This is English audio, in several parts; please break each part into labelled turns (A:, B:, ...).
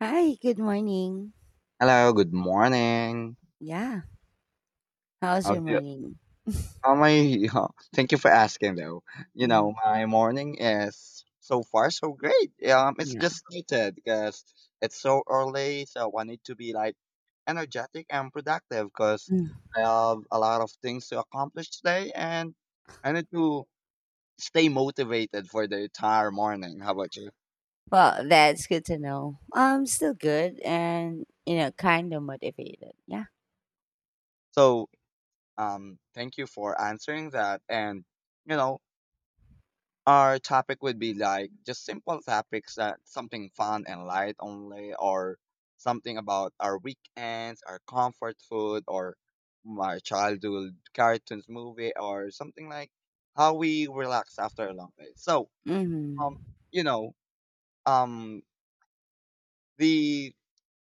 A: Hi, good morning.
B: Hello, good morning.
A: Yeah, how's
B: How's
A: your
B: you?
A: morning?
B: how my, thank you for asking though. You
A: Mm,
B: know, my morning is so far so great. It's just
A: yeah.
B: started because it's so early, so I need to be like energetic and productive because
A: Mm.
B: I have a lot of things to accomplish today, and I need to stay motivated for the entire morning. How about you?
A: Well, that's good to know. I'm still good and, you know, kind of motivated. Yeah.
B: So, thank you for answering that. And, you know, our topic would be like just simple topics, that something fun and light only, or something about our weekends, our comfort food, or my childhood cartoons movie, or something like how we relax after a long day. So, um,
A: Mm-hmm.
B: you know, um, the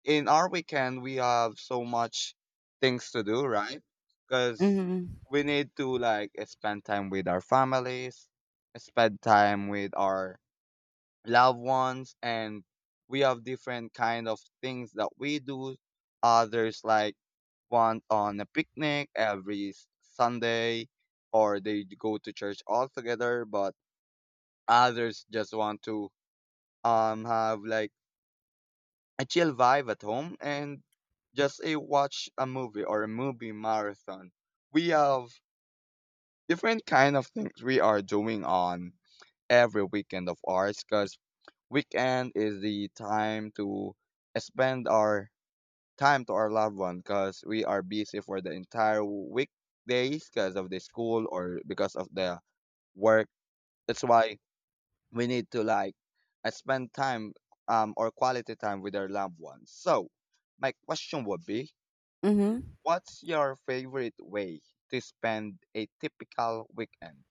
B: in our weekend we have so much things to do, right? Because
A: Mm-hmm.
B: we need to like spend time with our families, spend time with our loved ones, and we have different kind of things that we do. Others like want on a picnic every Sunday, or they go to church all together, but others just want to have like a chill vibe at home and just a watch a movie or a movie marathon. We have different kind of things we are doing on every weekend of ours, because weekend is the time to spend our time to our loved one, because we are busy for the entire weekdays because of the school or because of the work. That's why we need to like spend time, or quality time with our loved ones. So my question would be,
A: Mm-hmm.
B: what's your favorite way to spend a typical weekend?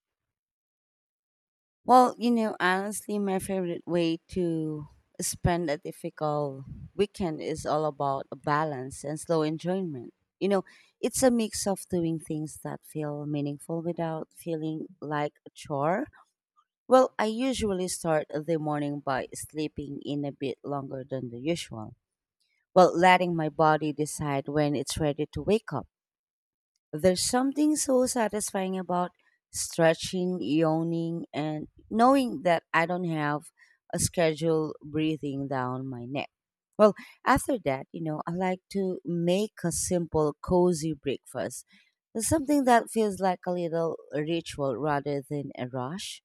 A: Well, you know, honestly, my favorite way to spend a difficult weekend is all about a balance and slow enjoyment. You know, it's a mix of doing things that feel meaningful without feeling like a chore. Well,
B: Uh-huh.
A: I usually start the morning by sleeping in a bit longer than the usual, while letting my body decide when it's ready to wake up. There's something so satisfying about stretching, yawning, and knowing that I don't have a schedule breathing down my neck. Well, after that, you know, I like to make a simple, cozy breakfast. Something that feels like a little ritual rather than a rush,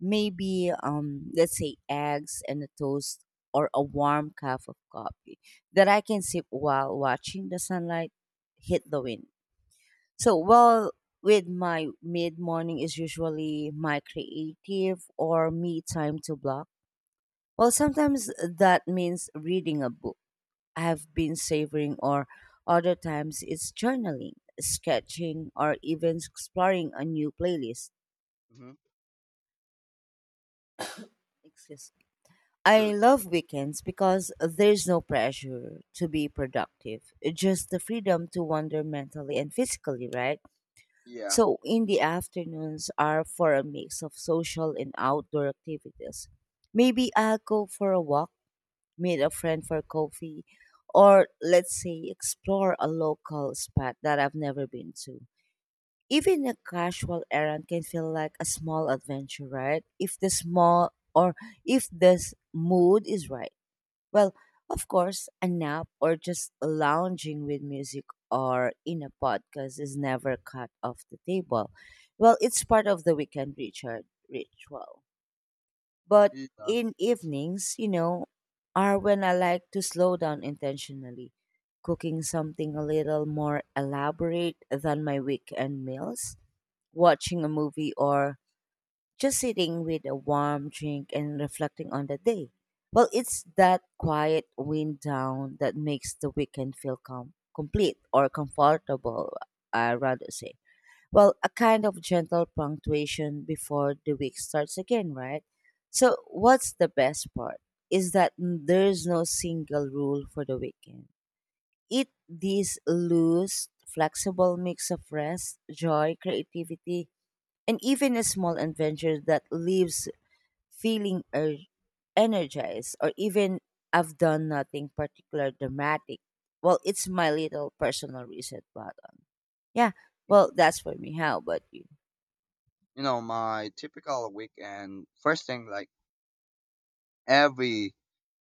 A: maybe let's say eggs and a toast, or a warm cup of coffee that I can sip while watching the sunlight hit the wind. So well, with my mid morning is usually my creative or me time to block. Well, sometimes that means reading a book I've been savoring, or other times it's journaling, sketching, or even exploring a new playlist.
B: Mm-hmm.
A: Excuse. I
B: Sure.
A: love weekends because there's no pressure to be productive, just the freedom to wander mentally and physically, right?
B: Yeah.
A: So, in the afternoons are for a mix of social and outdoor activities. Maybe I'll go for a walk, meet a friend for coffee, or let's say explore a local spot that I've never been to. Even a casual errand can feel like a small adventure, right? If the mood is right. Well, of course, a nap or just lounging with music or in a podcast is never cut off the table. Well, it's part of the weekend Richard ritual. But
B: Yeah.
A: in evenings, you know, are when I like to slow down intentionally, cooking something a little more elaborate than my weekend meals, watching a movie, or just sitting with a warm drink and reflecting on the day. Well, it's that quiet wind down that makes the weekend feel complete or comfortable, I rather say. Well, a kind of gentle punctuation before the week starts again, right? So, what's the best part is that there's no single rule for the weekend. It this loose, flexible mix of rest, joy, creativity, and even a small adventure that leaves feeling energized or even I've done nothing particular dramatic. Well, it's my little personal reset button. Yeah. Well, that's for me. How about you?
B: You know, my typical weekend, first thing, like every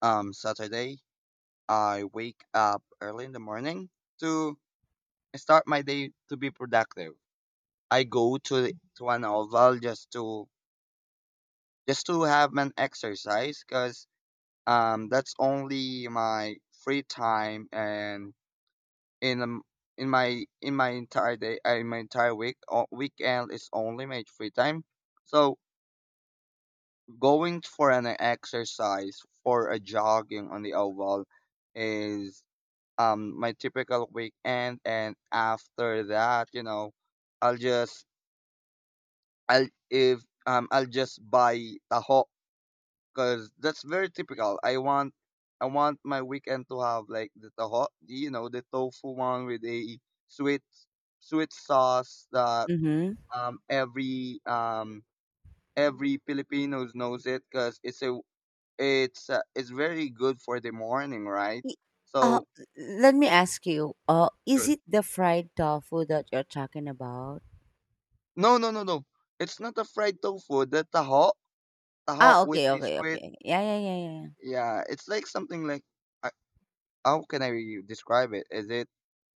B: Saturday, I wake up early in the morning to start my day to be productive. I go to to an oval just to have an exercise because that's only my free time. And in um, in my entire day, in my entire week, weekend is only my free time. So going for an exercise for a jogging on the oval is my typical weekend. And after that, you know, I'll just I'll if I'll just buy taho because that's very typical. I want my weekend to have like the toho, you know, the tofu one with a sweet sweet sauce that
A: Mm-hmm.
B: um every um every Filipinos knows it because it's a it's it's very good for the morning, right?
A: Y- Uh,
B: So.
A: let me ask you, is
B: Sure.
A: it the fried tofu that you're talking about?
B: No, no, no, no, it's not a fried tofu. The taho
A: Ah,
B: with
A: okay,
B: the
A: okay,
B: sweet,
A: okay. Yeah, yeah, yeah, yeah.
B: yeah, it's like something like. How can I describe it? Is it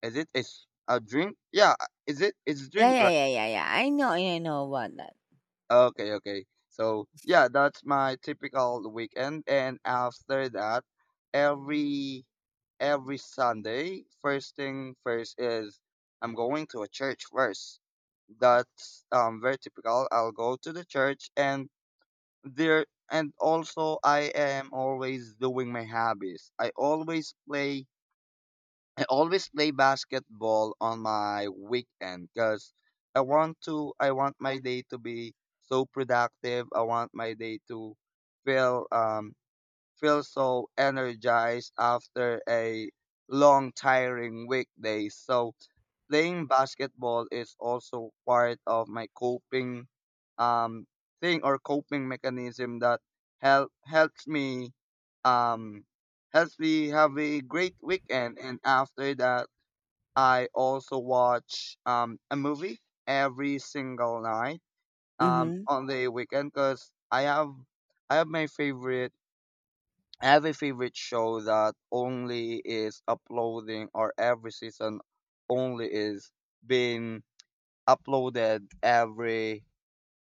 B: is it Is a drink? Yeah, is it it's
A: Yeah,
B: drink,
A: yeah,
B: right?
A: yeah, yeah, yeah, yeah. I know about that.
B: Okay, okay. So yeah, that's my typical weekend. And after that, every Sunday, first thing first is I'm going to a church first. That's very typical. I'll go to the church, and there and also I am always doing my hobbies. I always play basketball on my weekend because I want my day to be so productive. I want my day to feel um feel so energized after a long, tiring weekday. So playing basketball is also part of my coping, um, thing or coping mechanism that helps me, um, helps me have a great weekend. And after that, I also watch, a movie every single night,
A: Mm-hmm.
B: on the weekend, because I have my favorite. Every favorite show that only is uploading, or every season only is being uploaded every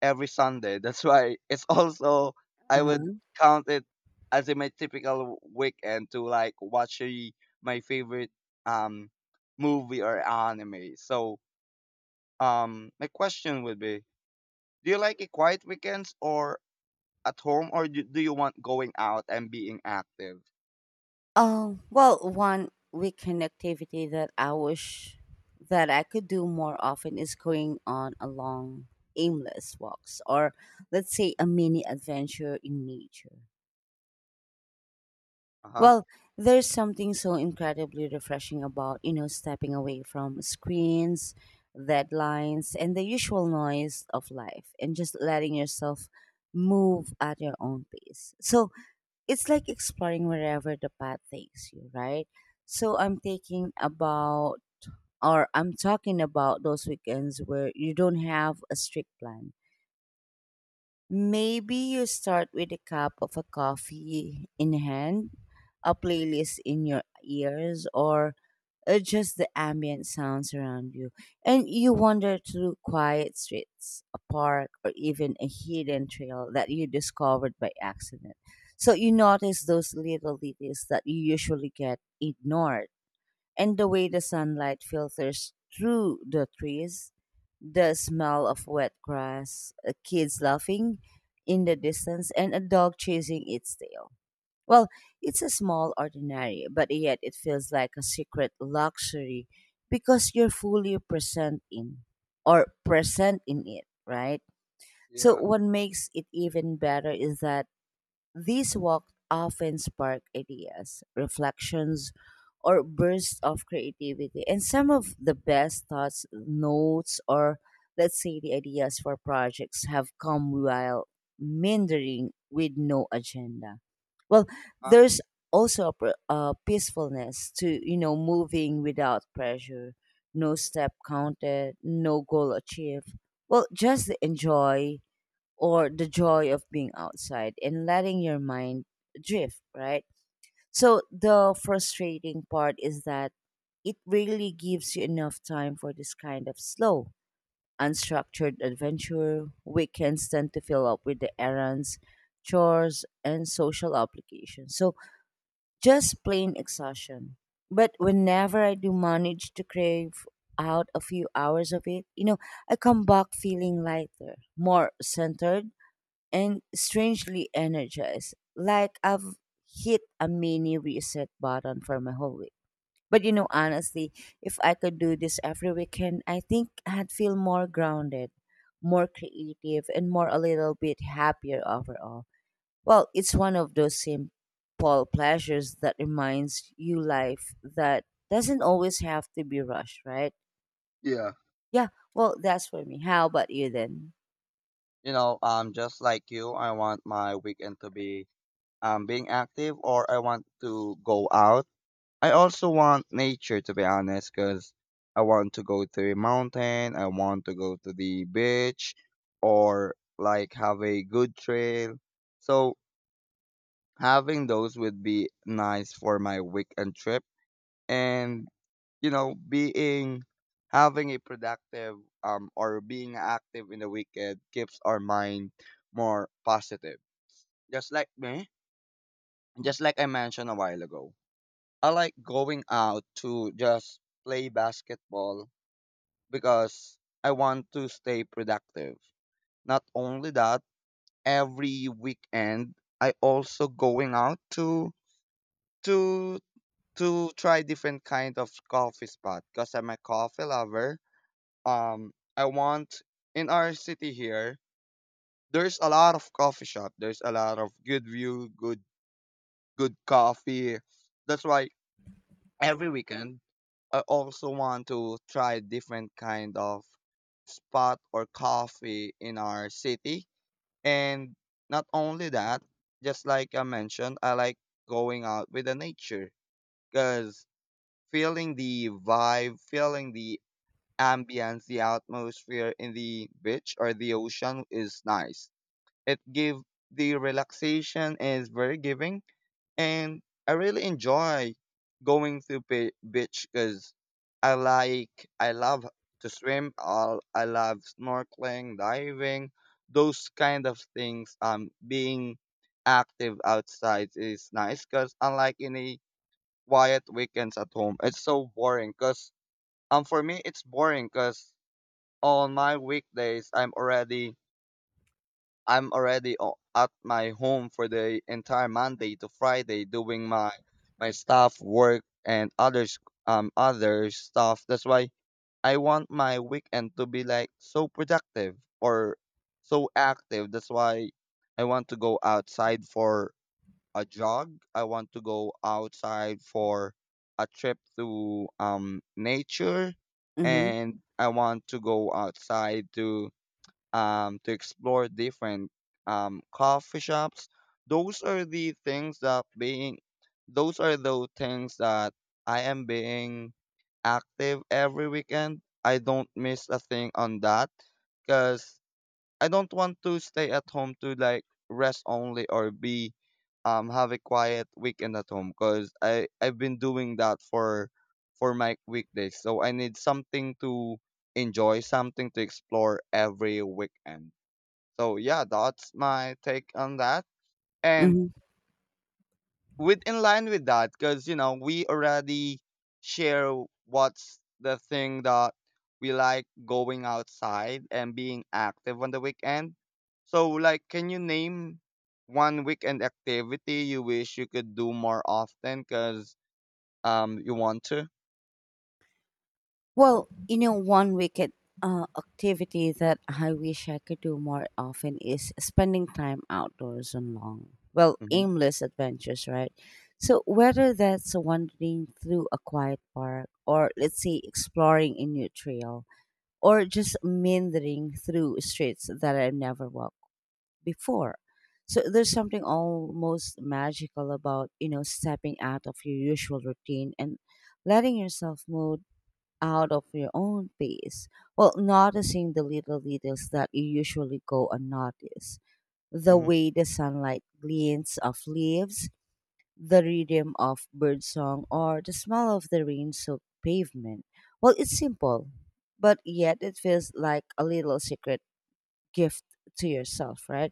B: Sunday. That's why it's also, I would count it as in my typical weekend to like watch my favorite um movie or anime. So, my question would be, do you like a quiet weekends or at home, or do you want going out and being active?
A: Oh well, one weekend activity that I wish that I could do more often is going on a long, aimless walks, or let's say a mini adventure in nature.
B: Uh-huh.
A: Well, there's something so incredibly refreshing about, you know, stepping away from screens, deadlines, and the usual noise of life, and just letting yourself move at your own pace. So, it's like exploring wherever the path takes you, right? So I'm thinking about, or I'm talking about those weekends where you don't have a strict plan. Maybe you start with a cup of a coffee in hand, a playlist in your ears, or just the ambient sounds around you. And you wander through quiet streets, a park, or even a hidden trail that you discovered by accident. So you notice those little details that you usually get ignored. And the way the sunlight filters through the trees, the smell of wet grass, kids laughing in the distance, and a dog chasing its tail. Well, it's a small ordinary, but yet it feels like a secret luxury because you're fully present in it, right? So
B: Yeah.
A: what makes it even better is that these walks often spark ideas, reflections, or bursts of creativity. And some of the best thoughts, notes, or let's say the ideas for projects have come while meandering with no agenda. Well,
B: Huh?
A: there's also a, a peacefulness to, you know, moving without pressure, no step counted, no goal achieved. Well, just enjoy or the joy of being outside and letting your mind drift, right? So the frustrating part is that it really gives you enough time for this kind of slow, unstructured adventure. Weekends tend to fill up with the errands, chores, and social obligations. So just plain exhaustion. But whenever I do manage to crave out a few hours of it, you know, I come back feeling lighter, more centered, and strangely energized. Like I've hit a mini reset button for my whole week. But you know, honestly, if I could do this every weekend, I think I'd feel more grounded, more creative, and more a little bit happier overall. Well, it's one of those simple pleasures that reminds you life that doesn't always have to be rushed, right?
B: Yeah.
A: Yeah, well, that's for me. How about you then?
B: You know, just like you, I want my weekend to be, being active, or I want to go out. I also want nature, to be honest, because I want to go to a mountain, I want to go to the beach, or like have a good trail. So having those would be nice for my weekend trip. And you know, being having a productive, or being active in the weekend keeps our mind more positive. Just like me, just like I mentioned a while ago, I like going out to just play basketball because I want to stay productive. Not only that, every weekend I also going out to to to try different kind of coffee spot because I'm a coffee lover. I want, in our city here there's a lot of coffee shop. There's a lot of good view, good coffee. That's why every weekend I also want to try different kind of spot or coffee in our city. And not only that, just like I mentioned, I like going out with the nature, because feeling the vibe, feeling the ambience, the atmosphere in the beach or the ocean is nice. It give the relaxation is very giving, and I really enjoy going to beach because I like, I love to swim. I love snorkeling, diving, those kind of things. Being active outside is nice because unlike any quiet weekends at home, it's so boring. Cause for me it's boring because on my weekdays at my home for the entire Monday to Friday doing my staff work and others, other stuff. That's why I want my weekend to be like so productive, or so active. That's why I want to go outside for a jog. I want to go outside for a trip to nature,
A: Mm-hmm.
B: and I want to go outside to, to explore different, coffee shops. Those are the things that being, those are the things that I am being active every weekend. I don't miss a thing on that because I don't want to stay at home to like rest only, or be, have a quiet weekend at home, because I've been doing that for my weekdays. So I need something to enjoy, something to explore every weekend. So yeah, that's my take on that. And
A: Mm-hmm.
B: with, in line with that, because you know, we already share what's the thing that we like going outside and being active on the weekend. So like, can you name one weekend activity you wish you could do more often, because you want to.
A: Well, you know, one wicked activity that I wish I could do more often is spending time outdoors on long, well,
B: Mm-hmm.
A: aimless adventures, right? So, whether that's wandering through a quiet park, or let's say exploring a new trail, or just meandering through streets that I've never walked before. So, there's something almost magical about, you know, stepping out of your usual routine and letting yourself move out of your own pace while noticing the little details that you usually go unnoticed. The
B: Mm-hmm.
A: way the sunlight glints off leaves, the rhythm of birdsong, or the smell of the rain soaked pavement. Well, it's simple, but yet it feels like a little secret gift to yourself, right?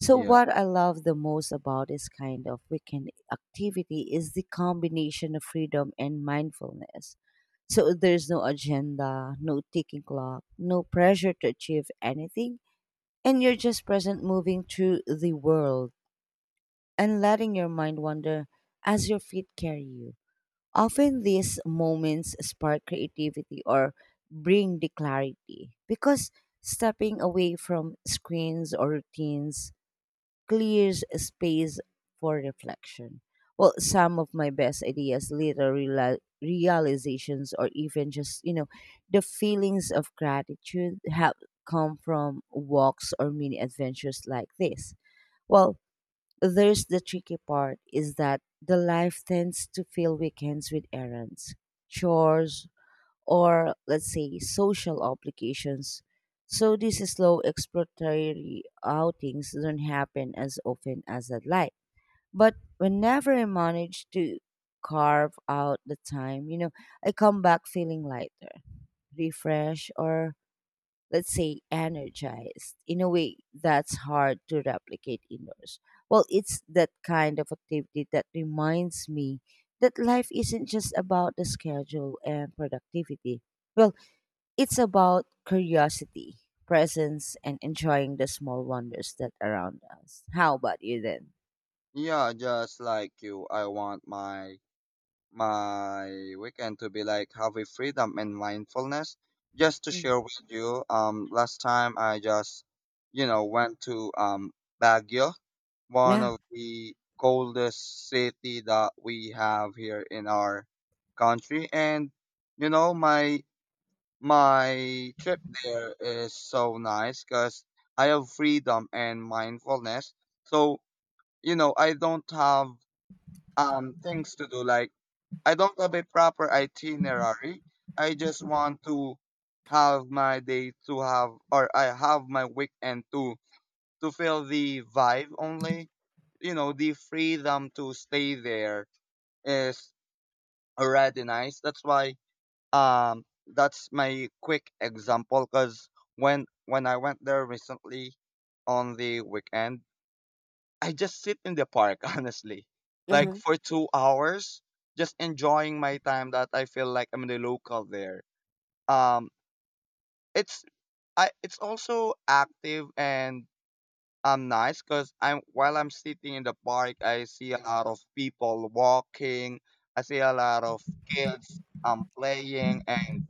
A: So
B: Yeah,
A: what I love the most about this kind of weekend activity is the combination of freedom and mindfulness. So there's no agenda, no ticking clock, no pressure to achieve anything, and you're just present moving through the world and letting your mind wander as your feet carry you. Often these moments spark creativity or bring the clarity because stepping away from screens or routines clears a space for reflection. Well, some of my best ideas, later realizations, or even just, you know, the feelings of gratitude have come from walks or mini adventures like this. Well, there's the tricky part is that the life tends to fill weekends with errands, chores, or let's say social obligations. So these slow exploratory outings don't happen as often as I'd like. But whenever I manage to carve out the time, you know, I come back feeling lighter, refreshed, or let's say energized in a way that's hard to replicate indoors. Well, it's that kind of activity that reminds me that life isn't just about the schedule and productivity. Well, it's about curiosity, presence, and enjoying the small wonders that around us. How about you then?
B: yeah, just like you, I want my weekend to be like having freedom and mindfulness. Just to
A: Mm.
B: share with you, last time I just, you know, went to Baguio, one
A: Yeah.
B: of the coldest city that we have here in our country, and you know my trip there is so nice because I have freedom and mindfulness. So you know I don't have things to do, like I don't have a proper itinerary. I just want to have my day to have, or I have my weekend to feel the vibe only. You know, the freedom to stay there is already nice. That's why, um that's my quick example. Cause when I went there recently on the weekend, I just sit in the park, honestly, like
A: Uh-huh.
B: for 2 hours, just enjoying my time that I feel like I'm the local there. Um, it's, I it's also active and nice, because I'm, while I'm sitting in the park, I see a lot of people walking. I see a lot of kids playing, and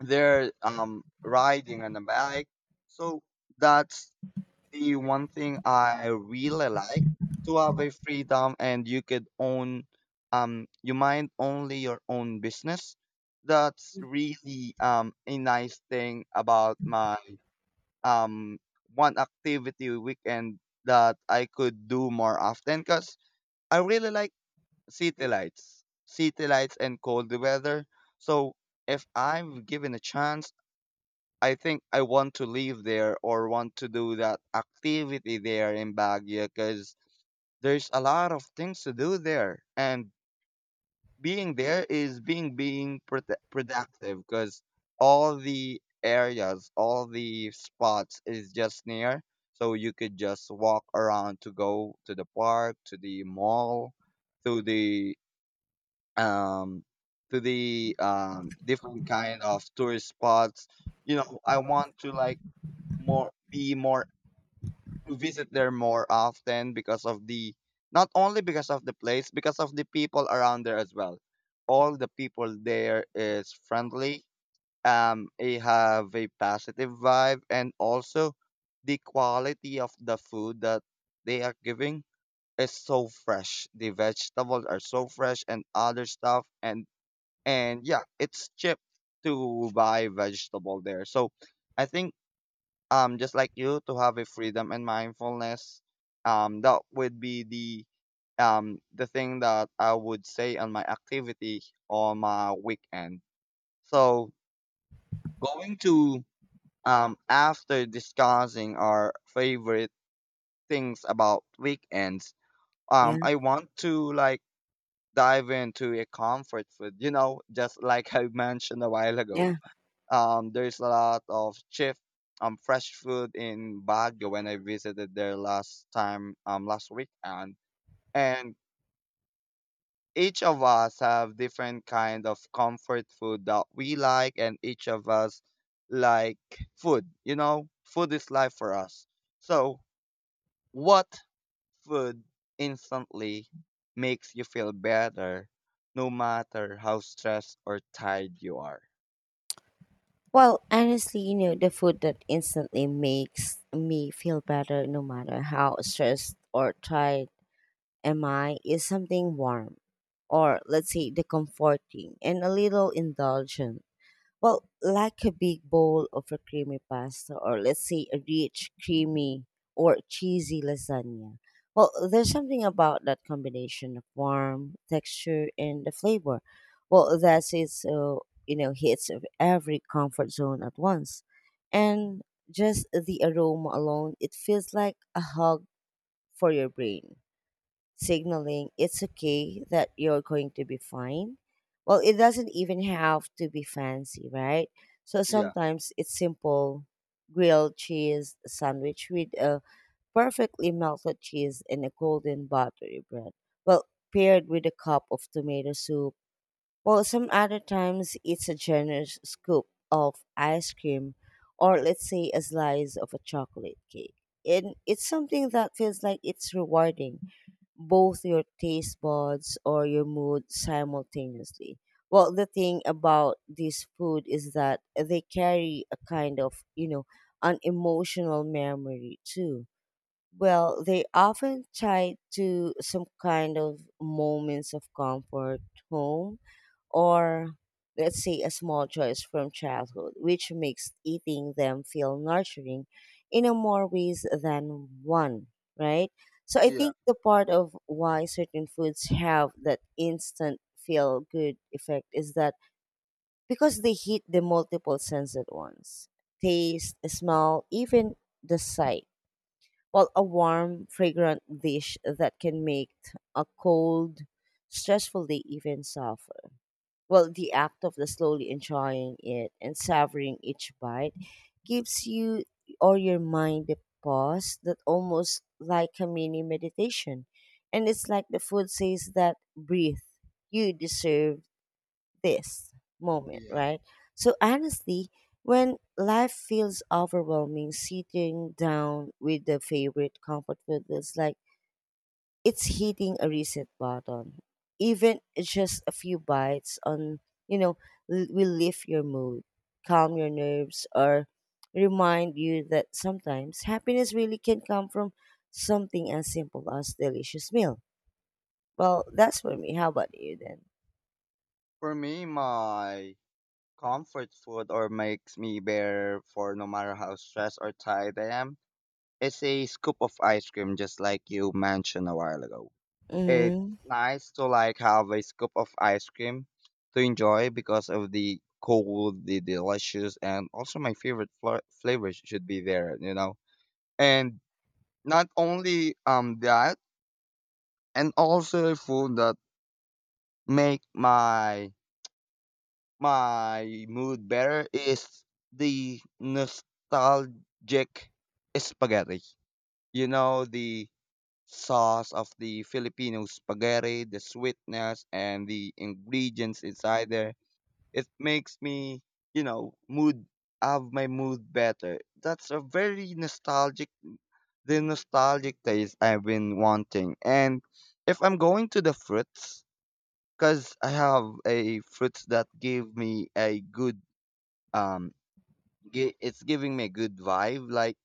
B: they're riding on a bike. So that's the one thing I really like, to have a freedom and you could own, you mind only your own business. That's really, a nice thing about my, um one activity weekend that I could do more often, because I really like city lights. City lights and cold weather. So if I'm given a chance, I think I want to live there, or want to do that activity there in Baguio, because there's a lot of things to do there. And being there is being productive, because all the areas, all the spots is just near. So you could just walk around to go to the park, to the mall, to the, um to the, different kind of tourist spots. You know, I want to like more be more to visit there more often because of the, not only because of the place, because of the people around there as well. All the people there is friendly, they have a positive vibe, and also the quality of the food that they are giving is so fresh. The vegetables are so fresh and other stuff, and yeah, it's cheap to buy vegetable there. So I think, just like you, to have a freedom and mindfulness, that would be the, the thing that I would say on my activity on my weekend. So going to, after discussing our favorite things about weekends,
A: Yeah,
B: I want to like dive into a comfort food, you know, just like I mentioned a while ago.
A: yeah.
B: There's a lot of cheap, fresh food in Baguio when I visited there last time, last weekend. And each of us have different kind of comfort food that we like, and each of us like food. You know, food is life for us. So what food instantly makes you feel better, no matter how stressed or tired you are?
A: Well, honestly, you know, the food that instantly makes me feel better no matter how stressed or tired am I is something warm, or let's say the comforting and a little indulgent. Well, like a big bowl of a creamy pasta, or let's say a rich, creamy, or cheesy lasagna. Well, there's something about that combination of warm texture and the flavor. Well, that's it. So you know, hits of every comfort zone at once, and just the aroma alone, it feels like a hug for your brain signaling it's okay that you're going to be fine. Well, it doesn't even have to be fancy, right? So
B: Yeah,
A: sometimes it's simple grilled cheese sandwich with a perfectly melted cheese and a golden buttery bread. Well, paired with a cup of tomato soup. Well, some other times it's a generous scoop of ice cream, or let's say a slice of a chocolate cake. And it's something that feels like it's rewarding both your taste buds or your mood simultaneously. Well, the thing about this food is that they carry a kind of, you know, an emotional memory too. Well, they often tie to some kind of moments of comfort, home, or let's say a small choice from childhood, which makes eating them feel nurturing in a more ways than one, right? So I
B: yeah,
A: think the part of why certain foods have that instant feel good effect is that because they hit the multiple senses at once, taste, smell, even the sight. While a warm, fragrant dish that can make a cold, stressful day even soft. Well, the act of the slowly enjoying it and savoring each bite gives you or your mind a pause that almost like a mini meditation. And it's like the food says that breathe, you deserve this moment,
B: yeah.
A: right? So honestly, when life feels overwhelming, sitting down with the favorite comfort food is like it's hitting a reset button. Even just a few bites on, you know, will lift your mood, calm your nerves, or remind you that sometimes happiness really can come from something as simple as delicious meal. Well, that's for me. How about you then?
B: For me, my comfort food, or makes me better for no matter how stressed or tired I am, is a scoop of ice cream, just like you mentioned a while ago. It's
A: Mm-hmm.
B: nice to like have a scoop of ice cream to enjoy because of the cold, the delicious, and also my favorite fla- flavors should be there, you know. And not only that, and also food that make my my mood better is the nostalgic spaghetti. You know, the sauce of the Filipino spaghetti, the sweetness and the ingredients inside there. It makes me, you know, mood, have my mood better. That's a very nostalgic, the nostalgic taste I've been wanting. And if I'm going to the fruits, because I have a fruits that give me a good um gi- it's giving me a good vibe, like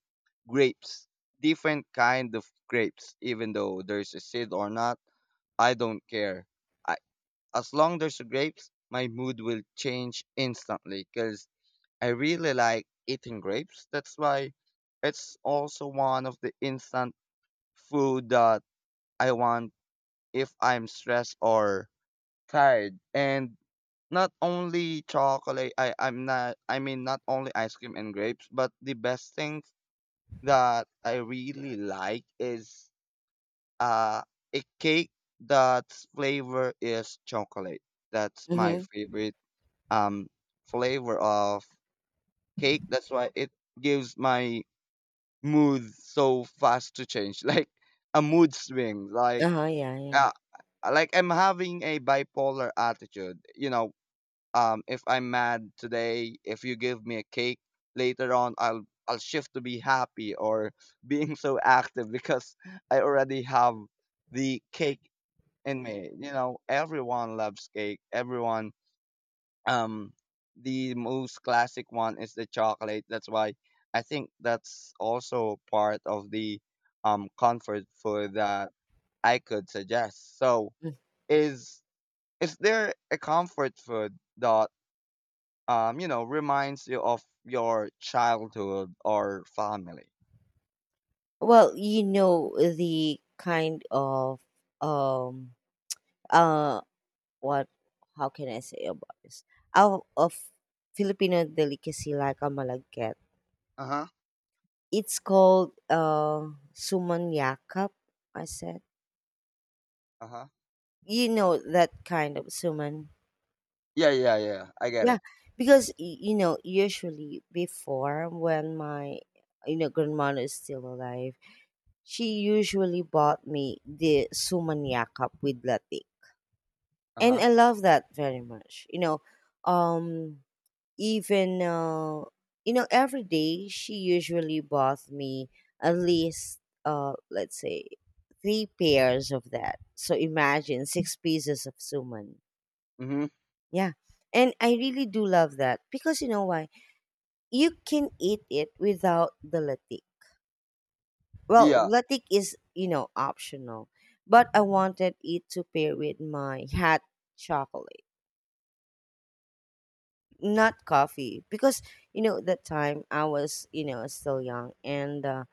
B: grapes, different kind of grapes, even though there's a seed or not, I don't care. I, as long there's a grapes, my mood will change instantly because I really like eating grapes. That's why it's also one of the instant food that I want if I'm stressed or tired. And not only chocolate, I mean not only ice cream and grapes, but the best thing that I really like is uh, a cake that's flavor is chocolate. That's my
A: Mm-hmm.
B: favorite um flavor of cake. That's why it gives my mood so fast to change, like a mood swing.
A: Uh-huh, yeah, yeah.
B: Uh, like I'm having a bipolar attitude. You know, if I'm mad today, if you give me a cake later on, I'll shift to be happy, or being so active because I already have the cake in me. You know, everyone loves cake, everyone, um the most classic one is the chocolate. That's why I think that's also part of the comfort food that I could suggest. So
A: Mm.
B: is is there a comfort food that you know, reminds you of your childhood or family?
A: Well, you know the kind of um uh What how can I say about this? Out of Filipino delicacy like a malagkit.
B: Uh huh.
A: It's called suman yakap, I said.
B: Uh huh.
A: You know that kind of suman.
B: Yeah, yeah, yeah. I get
A: Yeah,
B: it.
A: because you know usually before when my, you know, grandmother is still alive, she usually bought me the suman yakap with latik,
B: Uh
A: and
B: huh.
A: I love that very much. You know, um even you know every day she usually bought me at least let's say three pairs of that, so imagine six pieces of suman.
B: Mm-hmm.
A: Yeah. And I really do love that because, you know why, you can eat it without the latik. Well,
B: Yeah.
A: latik is, you know, optional, but I wanted it to pair with my hot chocolate, not coffee, because you know that time I was, you know, still young and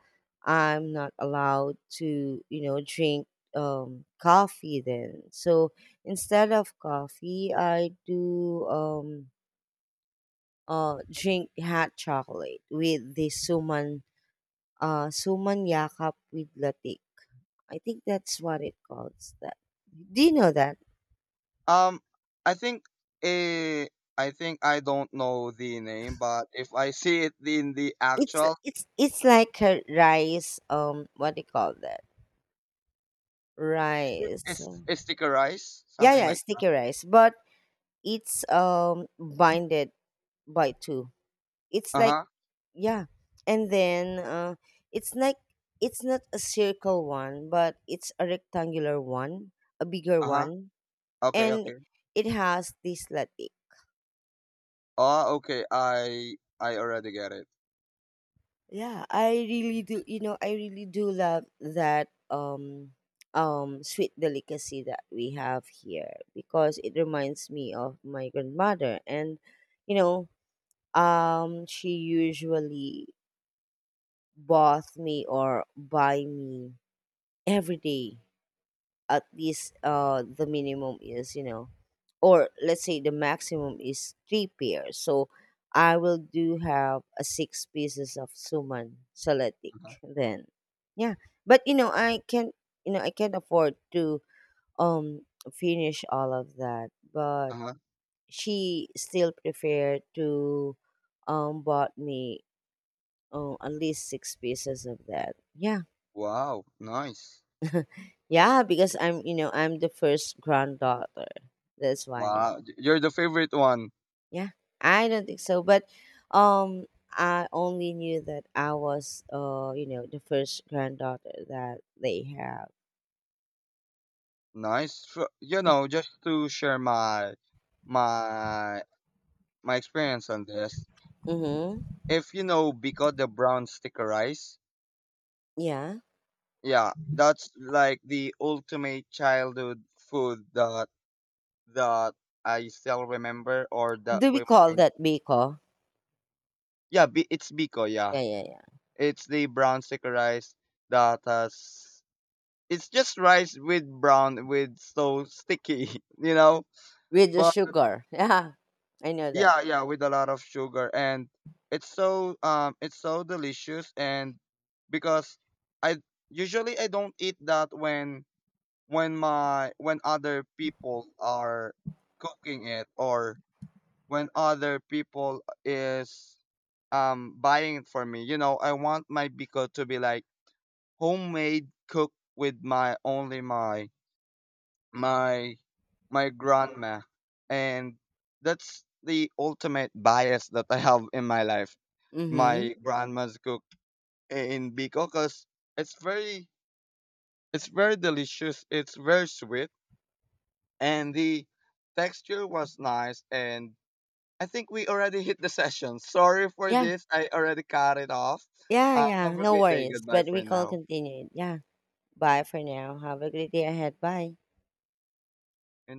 A: I'm not allowed to, you know, drink coffee then. So instead of coffee I do drink hot chocolate with the suman, suman yakap with latik. I think that's what it calls that. Do you know that?
B: Um, I think, eh, I think I don't know the name, but if I see it in the
A: It's
B: actual,
A: it's like a rice, what do you call that
B: is it,
A: rice.
B: is stickerize
A: Yeah,
B: something
A: yeah,
B: like.
A: sticky rice, but it's binded by two. It's
B: Uh
A: like,
B: huh.
A: yeah, and then it's like it's not a circle one, but it's a rectangular one, a bigger
B: Uh huh.
A: one,
B: Okay.
A: and
B: Okay.
A: it has this latte.
B: Oh, okay. I already get it.
A: Yeah, I really do. You know, I really do love that sweet delicacy that we have here because it reminds me of my grandmother. And you know, um, she usually bought me or buy me every day. At least the minimum is, you know, or let's say the maximum is three pairs. So I will do have a six pieces of suman salatic
B: Uh huh.
A: then. Yeah. But you know, I can't, you know, I can't afford to um finish all of that. But
B: Uh huh.
A: she still preferred to bought me, oh, at least six pieces of that. Yeah.
B: Wow. Nice.
A: Yeah, because I'm, you know, I'm the first granddaughter. That's why.
B: Wow. You're the favorite one.
A: Yeah. I don't think so, but um I only knew that I was you know, the first granddaughter that they have.
B: Nice. So, you know, just to share my my experience on this.
A: Mhm.
B: If you know Biko, the brown sticker rice,
A: Yeah.
B: yeah, that's like the ultimate childhood food that that I still remember or that
A: Do we call
B: reminds.
A: that biko?
B: Yeah, it's Biko. Yeah,
A: Yeah, yeah, yeah.
B: it's the brown sticker rice that has. It's just rice with brown with so sticky, you know.
A: With the
B: But
A: sugar. Yeah. I know that.
B: yeah, yeah, with a lot of sugar, and it's so delicious. And because I, usually I don't eat that when my when other people are cooking it, or when other people is buying it for me. You know, I want my biko to be like homemade, cooked with my, only my my my grandma, and that's the ultimate bias that I have in my life.
A: Mhm.
B: My grandma's cook in Bicol, because it's very, it's very delicious, it's very sweet, and the texture was nice. And I think we already hit the session. Sorry for
A: Yeah.
B: this. I already cut it off.
A: Yeah, yeah.
B: Have a
A: No
B: great day.
A: worries.
B: Goodbye
A: But we
B: for
A: can
B: now.
A: continue. Yeah. Bye for now. Have a great day ahead. Bye.